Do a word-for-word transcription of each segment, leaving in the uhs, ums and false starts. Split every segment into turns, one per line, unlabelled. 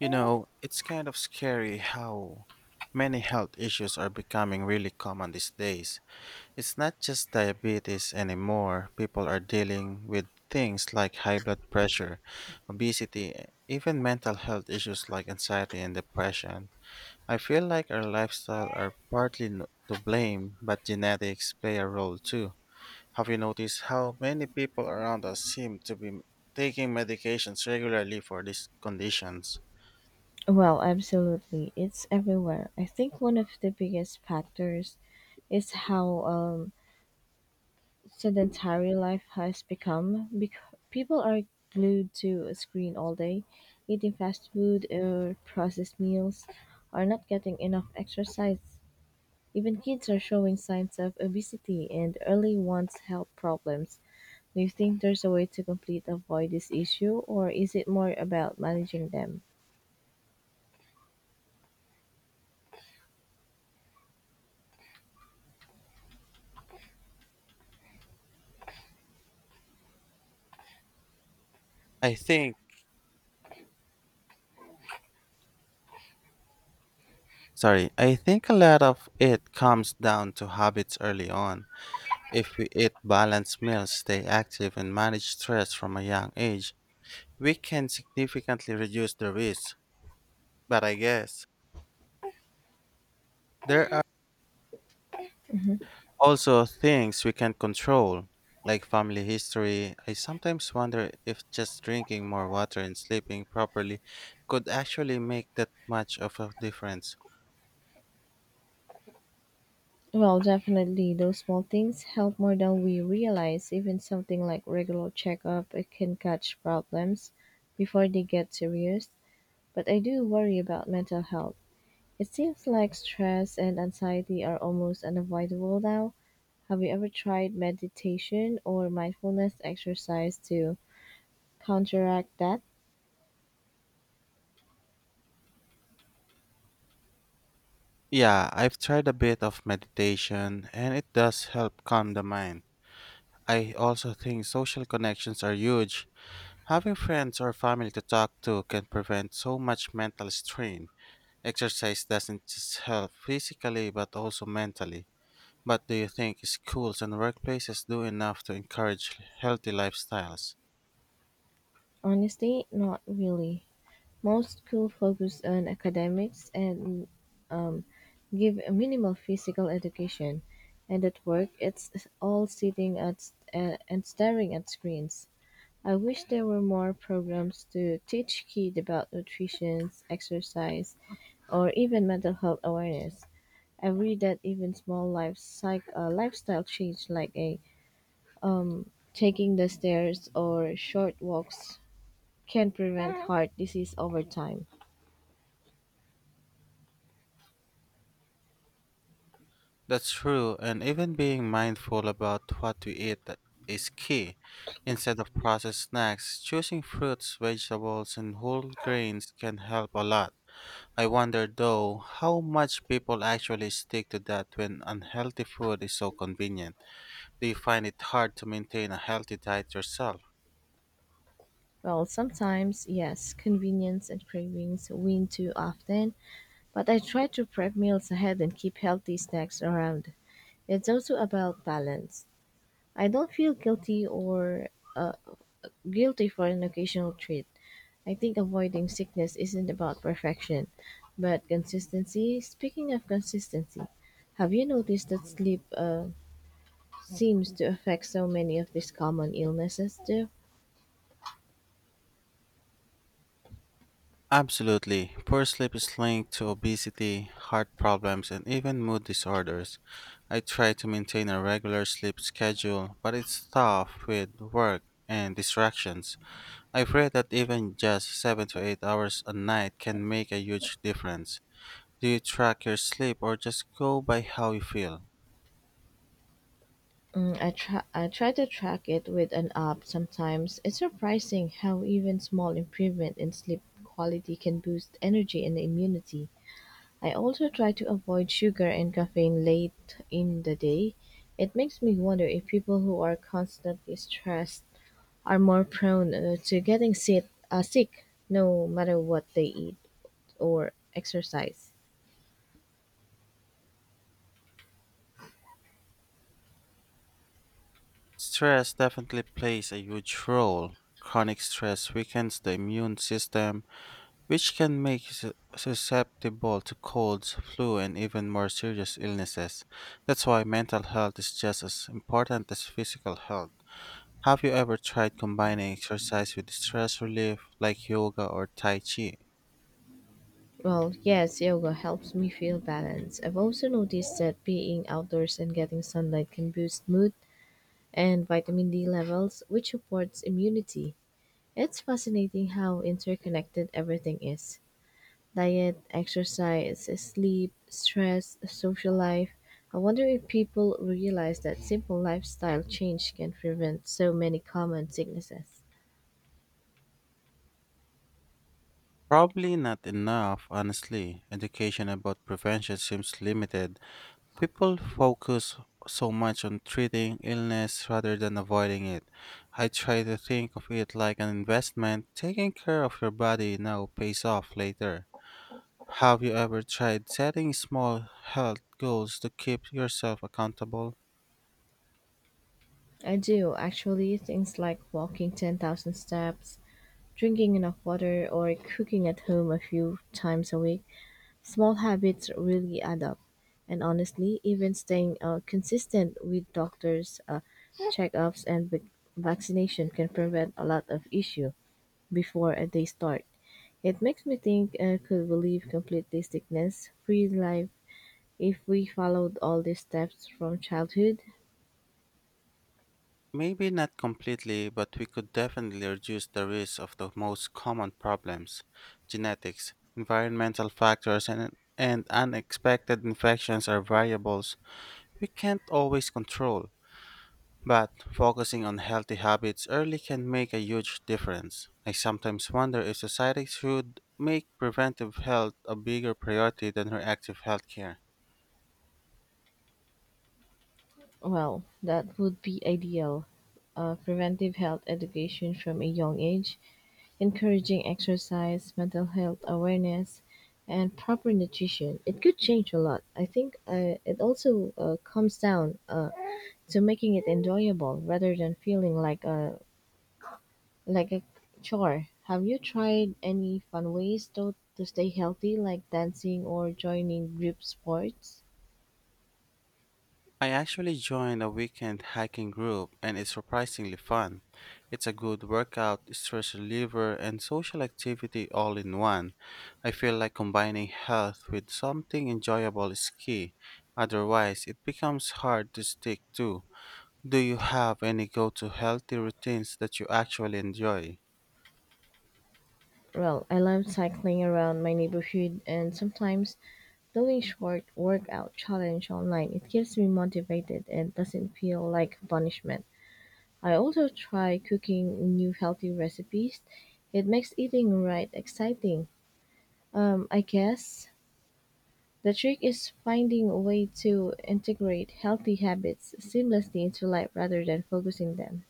You know, it's kind of scary how many health issues are becoming really common these days. It's not just diabetes anymore. People are dealing with things like high blood pressure, obesity, e, even mental health issues like anxiety and depression. I feel like our lifestyle are partly n- to blame, but genetics play a role too. Have you noticed how many people around us seem to be taking medications regularly for these conditions?
Well, absolutely. It's everywhere. I think one of the biggest factors is how um, sedentary life has become. Because people are glued to a screen all day, eating fast food or processed meals, are not getting enough exercise. Even kids are showing signs of obesity and early ones health problems. Do you think there's a way to completely avoid this issue, or is it more about managing them?
I think Sorry, I think a lot of it comes down to habits early on. If we eat balanced meals, stay active, and manage stress from a young age, we can significantly reduce the risk. But I guess there are also things we can control, like family history. I sometimes wonder if just drinking more water and sleeping properly could actually make that much of a difference.
Well, definitely, those small things help more than we realize. Even something like regular checkup, it can catch problems before they get serious. But I do worry about mental health. It seems like stress and anxiety are almost unavoidable now. Have you ever tried meditation or mindfulness exercise to counteract that?
Yeah, I've tried a bit of meditation, and it does help calm the mind. I also think social connections are huge. Having friends or family to talk to can prevent so much mental strain. Exercise doesn't just help physically but also mentally. But do you think schools and workplaces do enough to encourage healthy lifestyles?
Honestly, not really. Most school focus on academics and give a minimal physical education, and at work it's all sitting at uh, and staring at screens. I wish there were more programs to teach kids about nutrition, exercise, or even mental health awareness. I read that even small life psych, uh, lifestyle change like a um, taking the stairs or short walks can prevent heart disease over time.
That's true, and even being mindful about what we eat is key. Instead of processed snacks, choosing fruits, vegetables, and whole grains can help a lot. I wonder though how much people actually stick to that when unhealthy food is so convenient. Do you find it hard to maintain a healthy diet yourself?
Well, sometimes, yes, convenience and cravings win too often, but I try to prep meals ahead and keep healthy snacks around. It's also about balance. I don't feel guilty or uh, guilty for an occasional treat. I think avoiding sickness isn't about perfection, but consistency. Speaking of consistency, have you noticed that sleep uh, seems to affect so many of these common illnesses, too?
Absolutely. Poor sleep is linked to obesity, heart problems, and even mood disorders. I try to maintain a regular sleep schedule, but it's tough with work and distractions. I've read that even just seven to eight hours a night can make a huge difference. Do you track your sleep or just go by how you feel?
Mm, I try I try to track it with an app sometimes. It's surprising how even small improvement in sleep quality can boost energy and immunity. I also try to avoid sugar and caffeine late in the day. It makes me wonder if people who are constantly stressed are more prone uh, to getting sick, uh, sick no matter what they eat or exercise.
Stress definitely plays a huge role. Chronic stress weakens the immune system, which can make us susceptible to colds, flu, and even more serious illnesses. That's why mental health is just as important as physical health. Have you ever tried combining exercise with stress relief, like yoga or Tai Chi?
Well, yes, yoga helps me feel balanced. I've also noticed that being outdoors and getting sunlight can boost mood and vitamin D levels, which supports immunity. It's fascinating how interconnected everything is: diet, exercise, sleep, stress, social life. I wonder if people realize that simple lifestyle change can prevent so many common sicknesses.
Probably not enough, honestly. Education about prevention seems limited. People focus so much on treating illness rather than avoiding it. I try to think of it like an investment. Taking care of your body now pays off later. Have you ever tried setting small health goals to keep yourself accountable?
I do, actually, things like walking ten thousand steps, drinking enough water or cooking at home a few times a week, small habits really add up. And honestly, even staying uh, consistent with doctors' uh, checkups and vac- vaccination can prevent a lot of issue before uh, they start. It makes me think uh, could we live completely sickness free life if we followed all these steps from childhood?
Maybe not completely, but we could definitely reduce the risk of the most common problems: genetics, environmental factors, and, and unexpected infections are variables we can't always control. But focusing on healthy habits early can make a huge difference. I sometimes wonder if society should make preventive health a bigger priority than reactive healthcare.
Well, that would be ideal. Uh, preventive health education from a young age, encouraging exercise, mental health awareness, and proper nutrition. It could change a lot. I think uh, it also uh, comes down uh, to making it enjoyable rather than feeling like a like a chore. Have you tried any fun ways to to stay healthy, like dancing or joining group sports?
I actually joined a weekend hiking group and it's surprisingly fun. It's a good workout, stress reliever, and social activity all in one. I feel like combining health with something enjoyable is key. Otherwise, it becomes hard to stick to. Do you have any go to healthy routines that you actually enjoy?
Well, I love cycling around my neighborhood, and sometimes doing short workout challenge online, it keeps me motivated and doesn't feel like punishment. I also try cooking new healthy recipes. It makes eating right exciting. Um, I guess the trick is finding a way to integrate healthy habits seamlessly into life rather than focusing them.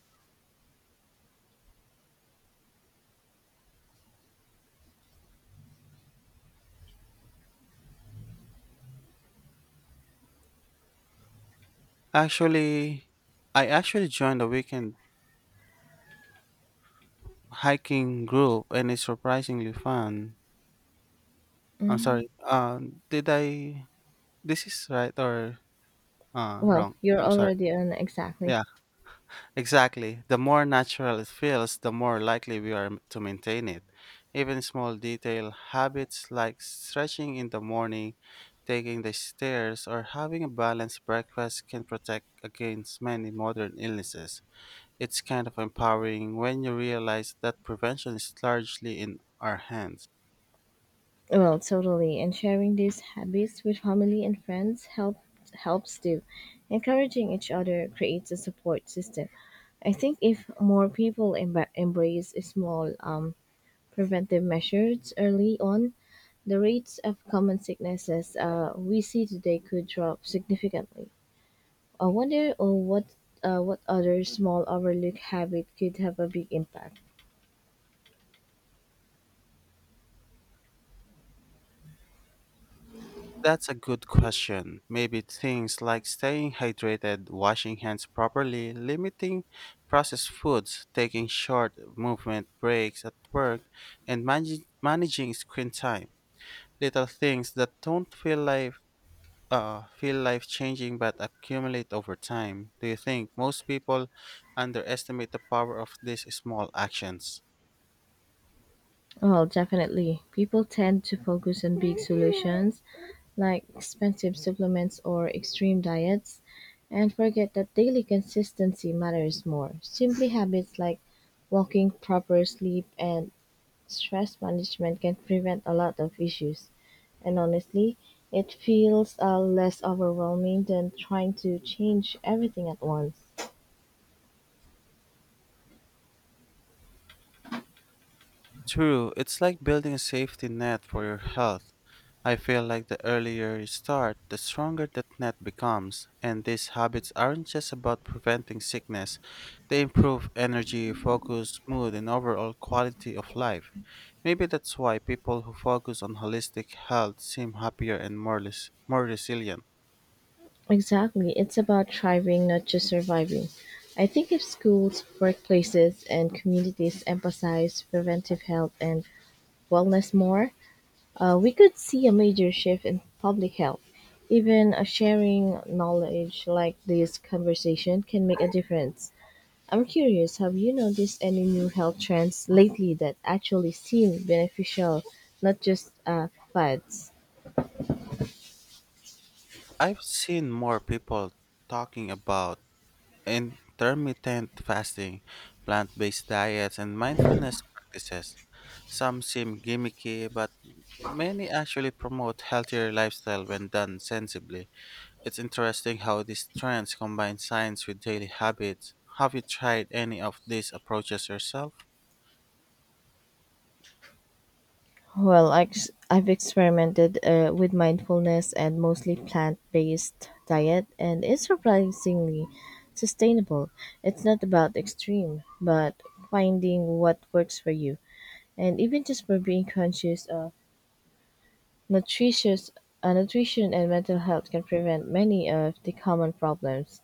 Actually, I actually joined a weekend hiking group and it's surprisingly fun. I'm
Mm.
sorry. Uh, did I? This is right or uh,
Well,
wrong?
you're
I'm sorry.
already on exactly.
Yeah. Exactly. The more natural it feels, the more likely we are m- to maintain it. Even small detail habits like stretching in the morning, taking the stairs, or having a balanced breakfast can protect against many modern illnesses. It's kind of empowering when you realize that prevention is largely in our hands.
Well, totally. And sharing these habits with family and friends help, helps too. Encouraging each other creates a support system. I think if more people emba embrace small um, preventive measures early on, the rates of common sicknesses uh, we see today could drop significantly. I wonder uh, what uh, what other small overlooked habit could have a big impact.
That's a good question. Maybe things like staying hydrated, washing hands properly, limiting processed foods, taking short movement breaks at work, and managing managing screen time. Little things that don't feel life uh, feel life changing but accumulate over time. Do you think most people underestimate the power of these small actions?
Well, definitely. People tend to focus on big solutions like expensive supplements or extreme diets, and forget that daily consistency matters more. Simply habits like walking, proper sleep, and stress management can prevent a lot of issues. And honestly, it feels uh, less overwhelming than trying to change everything at once.
True, it's like building a safety net for your health. I feel like the earlier you start, the stronger that net becomes, and these habits aren't just about preventing sickness, they improve energy, focus, mood, and overall quality of life. Maybe that's why people who focus on holistic health seem happier and more, res- more resilient.
Exactly. It's about thriving, not just surviving. I think if schools, workplaces, and communities emphasize preventive health and wellness more, uh, we could see a major shift in public health. Even a sharing knowledge like this conversation can make a difference. I'm curious, have you noticed any new health trends lately that actually seem beneficial, not just uh, fads?
I've seen more people talking about intermittent fasting, plant based diets, and mindfulness practices. Some seem gimmicky, but many actually promote healthier lifestyle when done sensibly. It's interesting how these trends combine science with daily habits. Have you tried any of these approaches yourself?
Well, ex- I've experimented uh, with mindfulness and mostly plant based diet, and it's surprisingly sustainable. It's not about extreme, but finding what works for you. And even just by being conscious of nutritious uh, nutrition and mental health can prevent many of the common problems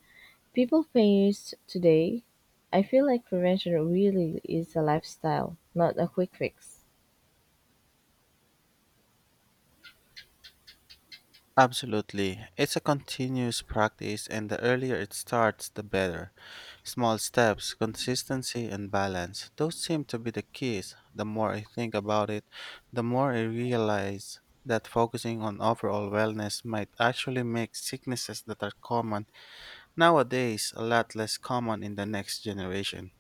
people face today. I feel like prevention really is a lifestyle, not a quick fix.
Absolutely. It's a continuous practice, and the earlier it starts, the better. Small steps, consistency, and balance. Those seem to be the keys. The more I think about it, the more I realize that focusing on overall wellness might actually make sicknesses that are common nowadays a lot less common in the next generation.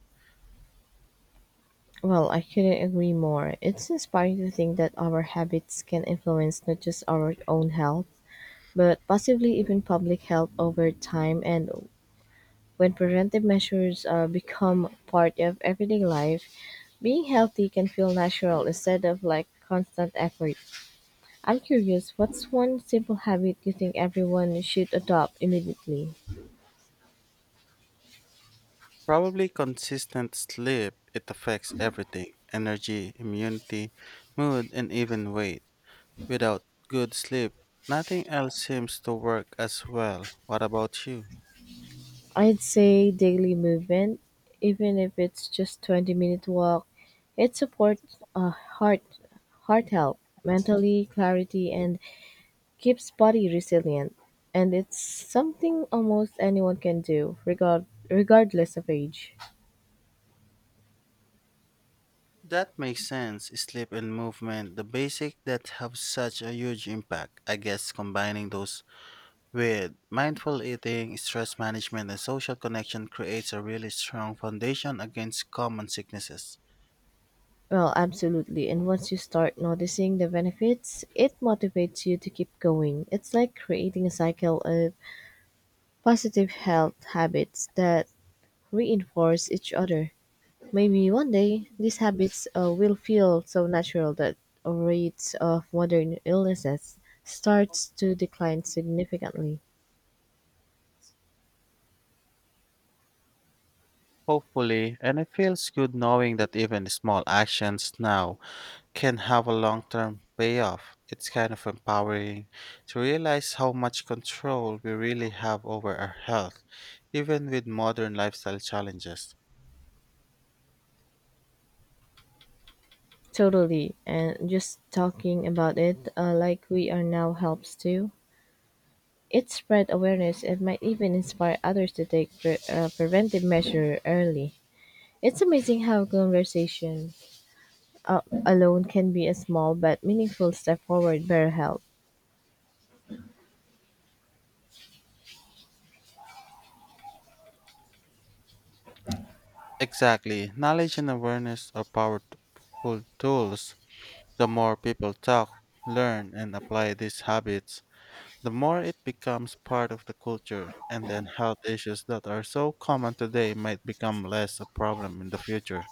Well, I couldn't agree more. It's inspiring to think that our habits can influence not just our own health, but possibly even public health over time. And when preventive measures uh, become part of everyday life, being healthy can feel natural instead of like constant effort. I'm curious, what's one simple habit you think everyone should adopt immediately?
Probably consistent sleep, it affects everything energy, immunity, mood, and even weight. Without good sleep, nothing else seems to work as well. What about you?
I'd say daily movement, even if it's just twenty minute walk. It supports uh, heart heart health, mentally clarity and keeps body resilient. And it's something almost anyone can do, regard regardless of age.
That makes sense. Sleep and movement, the basic that have such a huge impact. I guess combining those with mindful eating, stress management, and social connection creates a really strong foundation against common sicknesses.
Well, absolutely. And once you start noticing the benefits, it motivates you to keep going. It's like creating a cycle of positive health habits that reinforce each other. Maybe one day these habits uh, will feel so natural that rates of modern illnesses starts to decline significantly.
Hopefully, and it feels good knowing that even small actions now can have a long term payoff. It's kind of empowering to realize how much control we really have over our health, even with modern lifestyle challenges.
Totally. And just talking about it uh, like we are now helps too. It spread awareness and might even inspire others to take pre- uh, preventive measure early. It's amazing how conversation uh, alone can be a small but meaningful step forward better health.
Exactly. Knowledge and awareness are powerful tools. The more people talk, learn, and apply these habits, the more it becomes part of the culture, and then health issues that are so common today might become less a problem in the future.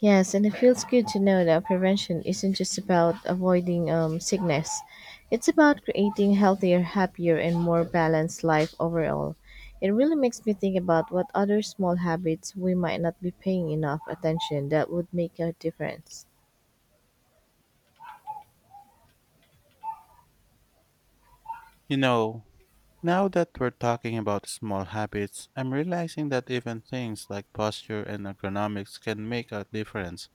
Yes, and it feels good to know that prevention isn't just about avoiding um, sickness. It's about creating healthier, happier, and more balanced life overall. It really makes me think about what other small habits we might not be paying enough attention that would make a difference.
You know, Now that we're talking about small habits, I'm realizing that even things like posture and ergonomics can make a difference.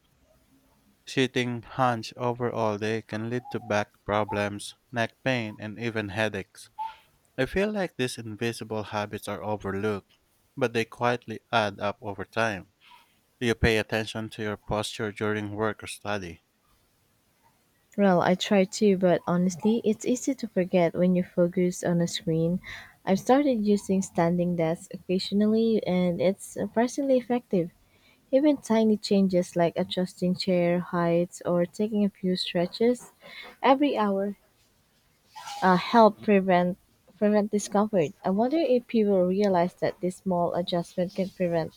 Sitting hunched over all day can lead to back problems, neck pain, and even headaches. I feel like these invisible habits are overlooked, but they quietly add up over time. Do you pay attention to your posture during work or study?
Well, I try to, but honestly, it's easy to forget when you focus on a screen. I've started using standing desks occasionally, and it's surprisingly effective. Even tiny changes like adjusting chair heights or taking a few stretches every hour uh, help prevent prevent discomfort. I wonder if people realize that this small adjustment can prevent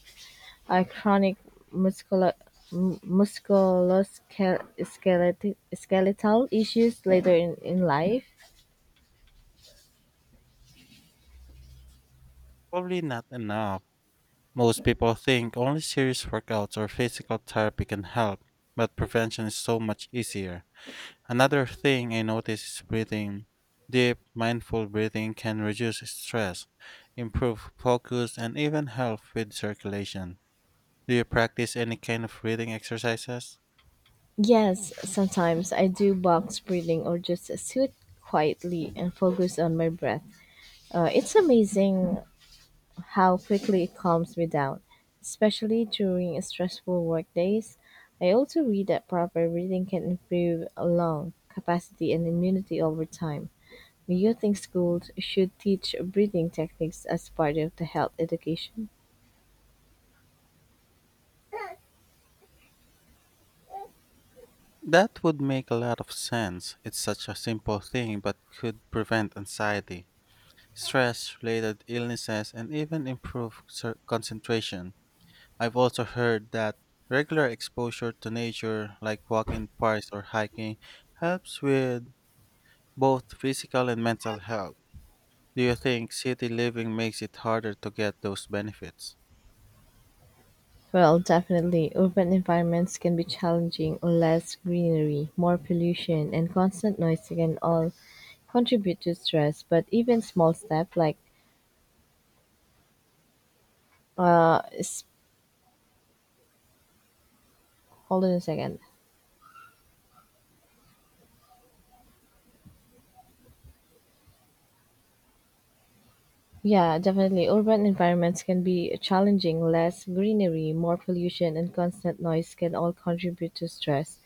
and chronic muscular m- musculoskeletal skeletal issues later in, in life?
Probably not enough. Most people think only serious workouts or physical therapy can help, but prevention is so much easier. Another thing I notice is breathing. Deep, mindful breathing can reduce stress, improve focus, and even help with circulation. Do you practice any kind of breathing exercises?
Yes, sometimes I do box breathing or just sit quietly and focus on my breath. Uh, it's amazing how quickly it calms me down, especially during stressful work days. I also read that proper reading can improve lung capacity and immunity over time. Do you think schools should teach breathing techniques as part of the health education?
That would make a lot of sense. It's such a simple thing but could prevent anxiety, stress related illnesses, and even improve cer- concentration. I've also heard that regular exposure to nature, like walking in parks or hiking, helps with both physical and mental health. Do you think city living makes it harder to get those benefits?
Well, definitely. Urban environments can be challenging. Less greenery, more pollution, and constant noise can all contribute to stress. But even small steps like uh, s- hold on a second. Yeah, definitely. Urban environments can be challenging. Less greenery, more pollution, and constant noise can all contribute to stress.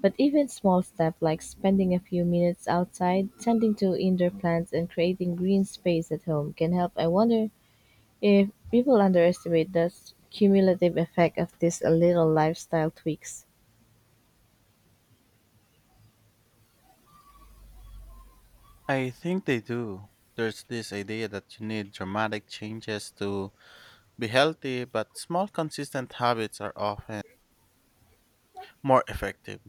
But even small steps like spending a few minutes outside, tending to indoor plants, and creating green space at home can help. I wonder if people underestimate the s- cumulative effect of these little lifestyle tweaks.
I think they do. There's this idea that you need dramatic changes to be healthy, but small, consistent habits are often more effective,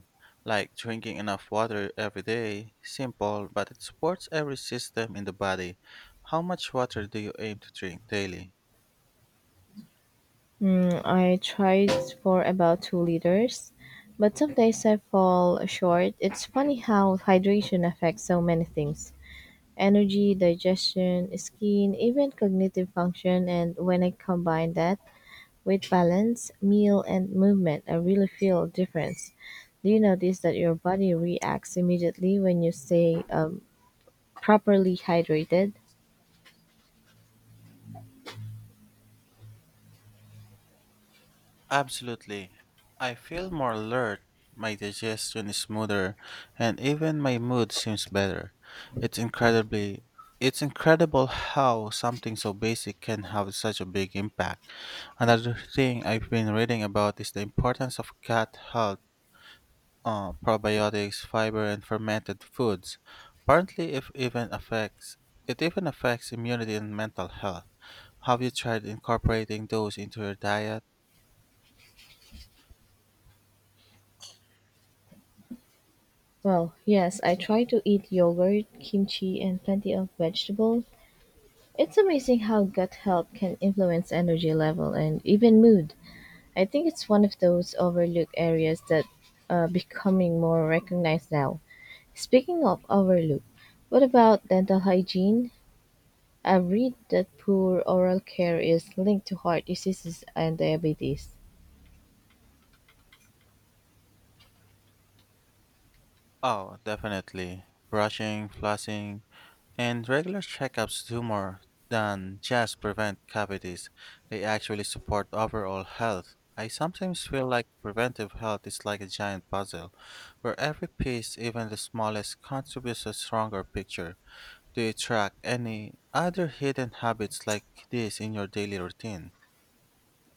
like drinking enough water every day. Simple, but it supports every system in the body. How much water do you aim to drink daily?
Mm, I tried for about two liters, but some days I fall short. It's funny how hydration affects so many things: energy, digestion, skin, even cognitive function. And when I combine that with balance, meal, and movement, I really feel a difference. Do you notice that your body reacts immediately when you stay um, properly hydrated?
Absolutely. I feel more alert, my digestion is smoother, and even my mood seems better. It's incredibly it's incredible how something so basic can have such a big impact. Another thing I've been reading about is the importance of gut health, uh, probiotics, fiber, and fermented foods. Apparently, if even affects it even affects immunity and mental health. Have you tried incorporating those into your diet?
Well, yes, I try to eat yogurt, kimchi, and plenty of vegetable. It's amazing how gut health can influence energy level and even mood. I think it's one of those overlooked areas that are becoming more recognized now. Speaking of overlook, what about dental hygiene? I've read that poor oral care is linked to heart diseases and diabetes.
Oh, definitely. Brushing, flossing, and regular checkups do more than just prevent cavities. They actually support overall health. I sometimes feel like preventive health is like a giant puzzle, where every piece, even the smallest, contributes to a stronger picture. Do you track any other hidden habits like this in your daily routine?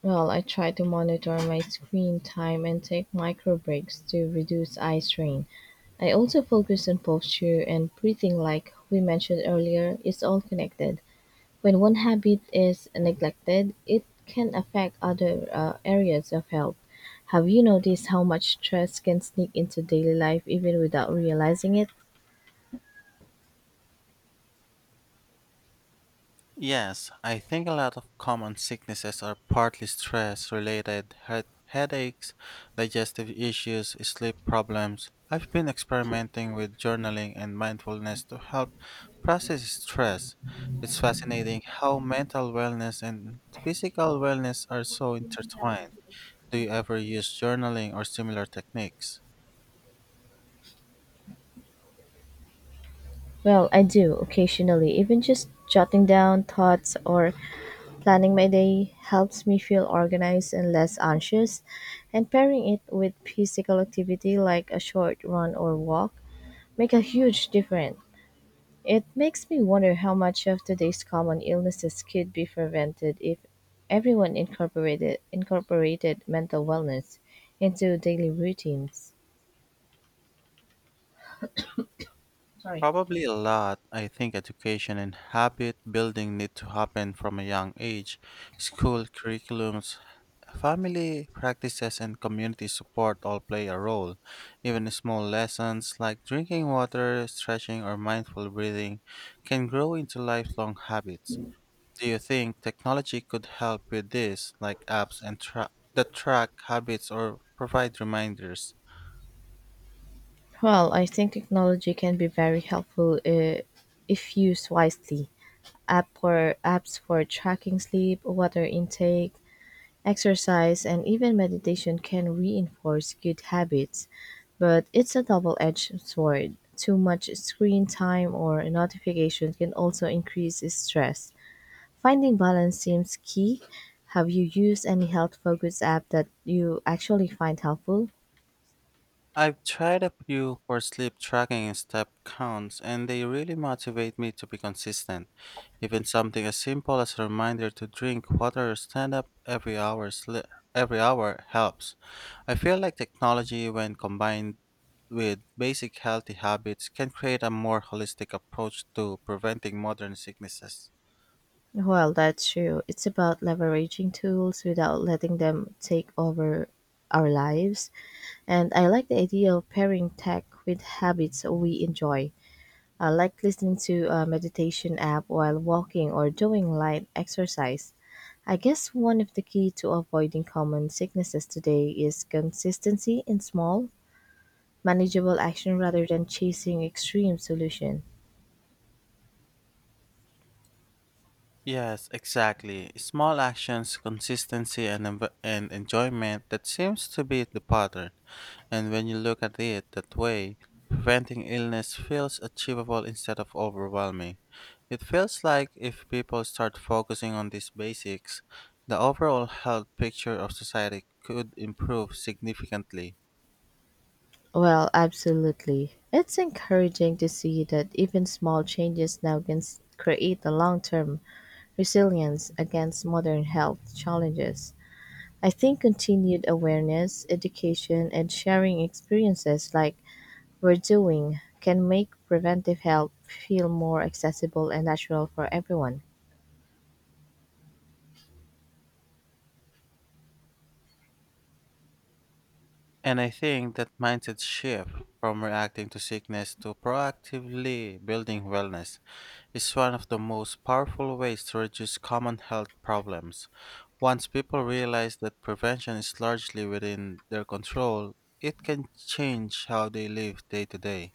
Well, I try to monitor my screen time and take micro breaks to reduce eye strain. I also focus on posture and breathing, like we mentioned earlier, it's all connected. When one habit is neglected, it can affect other uh, areas of health. Have you noticed how much stress can sneak into daily life even without realizing it?
Yes, I think a lot of common sicknesses are partly stress related, head headaches, digestive issues, sleep problems. I've been experimenting with journaling and mindfulness to help process stress. It's fascinating how mental wellness and physical wellness are so intertwined. Do you ever use journaling or similar techniques?
Well, I do occasionally. Even just jotting down thoughts or planning my day helps me feel organized and less anxious. And pairing it with physical activity like a short run or walk make a huge difference. It makes me wonder how much of today's common illnesses could be prevented if everyone incorporated incorporated mental wellness into daily routines.
Probably a lot. I think education and habit building need to happen from a young age. School curriculums, family practices, and community support all play a role. Even small lessons like drinking water, stretching, or mindful breathing can grow into lifelong habits. Do you think technology could help with this, like apps and tra- that track habits or provide reminders?
Well, I think technology can be very helpful uh, if used wisely. App for apps for tracking sleep, water intake, exercise and even meditation can reinforce good habits, but it's a double edged sword. Too much screen time or notification can also increase stress. Finding balance seems key. Have you used any health focused app that you actually find helpful?
I've tried a few for sleep tracking and step counts, and they really motivate me to be consistent. Even something as simple as a reminder to drink water or stand up every hour sli- every hour helps. I feel like technology, when combined with basic healthy habits, can create a more holistic approach to preventing modern sicknesses.
Well, that's true. It's about leveraging tools without letting them take over our lives. And I like the idea of pairing tech with habits we enjoy. I like listening to a meditation app while walking or doing light exercise. I guess one of the key to avoiding common sicknesses today is consistency in small, manageable action rather than chasing extreme solution.
Yes, exactly. Small actions, consistency, and, env- and enjoyment that seems to be the pattern. And when you look at it that way, preventing illness feels achievable instead of overwhelming. It feels like if people start focusing on these basics, the overall health picture of society could improve significantly.
Well, absolutely. It's encouraging to see that even small changes now can s- create a long term resilience against modern health challenges. I think continued awareness, education, and sharing experiences like we're doing can make preventive help feel more accessible and natural for everyone.
And I think that mindset shift from reacting to sickness to proactively building wellness is one of the most powerful ways to reduce common health problems. Once people realize that prevention is largely within their control, it can change how they live day to day.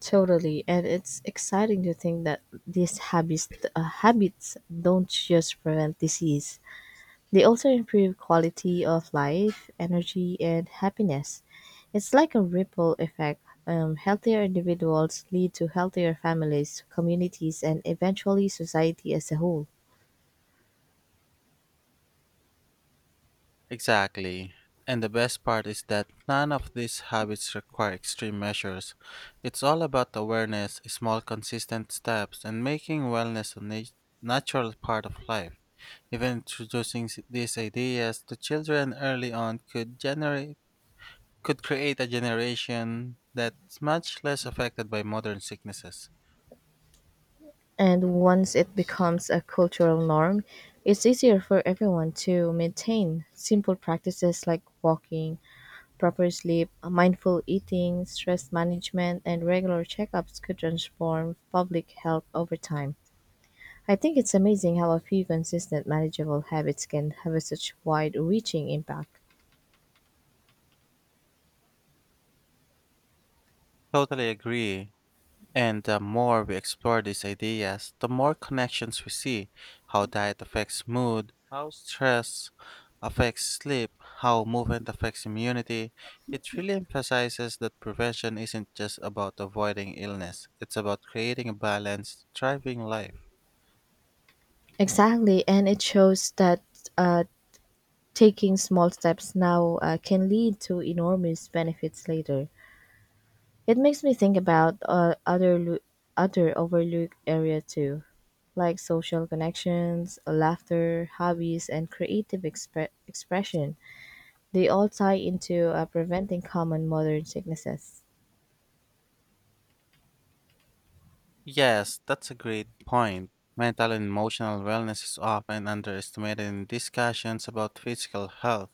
Totally, and it's exciting to think that these habits uh, habits don't just prevent disease; they also improve quality of life, energy, and happiness. It's like a ripple effect. Um, healthier individuals lead to healthier families, communities, and eventually society as a whole.
Exactly. And the best part is that none of these habits require extreme measures. It's all about awareness, small consistent steps, and making wellness a nat- natural part of life. Even introducing s- these ideas to children early on could generate could create a generation that's much less affected by modern sicknesses.
And once it becomes a cultural norm, it's easier for everyone to maintain simple practices like walking, proper sleep, mindful eating, stress management, and regular checkups could transform public health over time. I think it's amazing how a few consistent, manageable habits can have such wide reaching impact.
Totally agree. And the more we explore these ideas, the more connections we see how diet affects mood, how stress affects sleep, how movement affects immunity. It really emphasizes that prevention isn't just about avoiding illness, it's about creating a balanced, thriving life.
Exactly, and it shows that uh, taking small steps now uh, can lead to enormous benefits later. It makes me think about uh, other lo- other overlooked area too, like social connections, laughter, hobbies, and creative expre- expression. They all tie into uh, preventing common modern sicknesses.
Yes, that's a great point. Mental and emotional wellness is often underestimated in discussions about physical health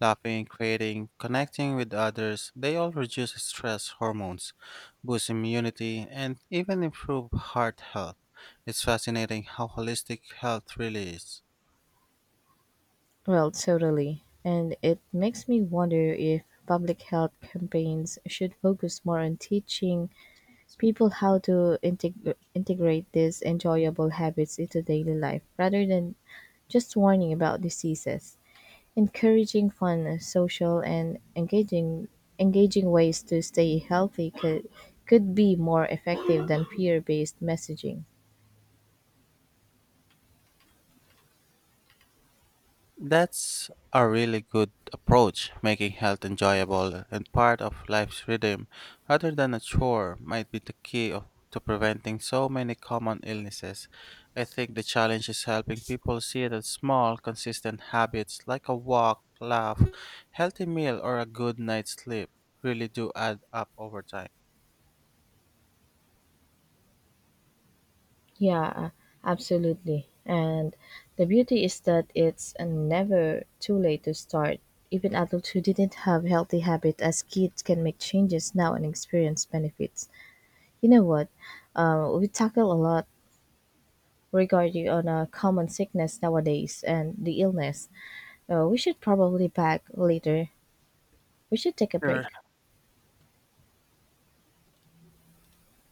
laughing, creating, connecting with others, they all reduce stress hormones, boost immunity, and even improve heart health. It's fascinating how holistic health really is.
Well, totally. And it makes me wonder if public health campaigns should focus more on teaching people how to integ- integrate these enjoyable habits into daily life rather than just warning about diseases. Encouraging fun, social, and engaging engaging ways to stay healthy could could be more effective than peer-based messaging.
That's a really good approach, making health enjoyable and part of life's rhythm rather than a chore might be the key of, to preventing so many common illnesses. I think the challenge is helping people see that small, consistent habits like a walk, laugh, healthy meal, or a good night's sleep really do add up over time.
Yeah, uh, absolutely. And the beauty is that it's never too late to start. Even adults who didn't have healthy habits as kids can make changes now and experience benefits. You know what? Uh, we tackle a lot regarding on a common sickness nowadays and the illness. Uh, we should probably back later. We should take a
Sure.
break.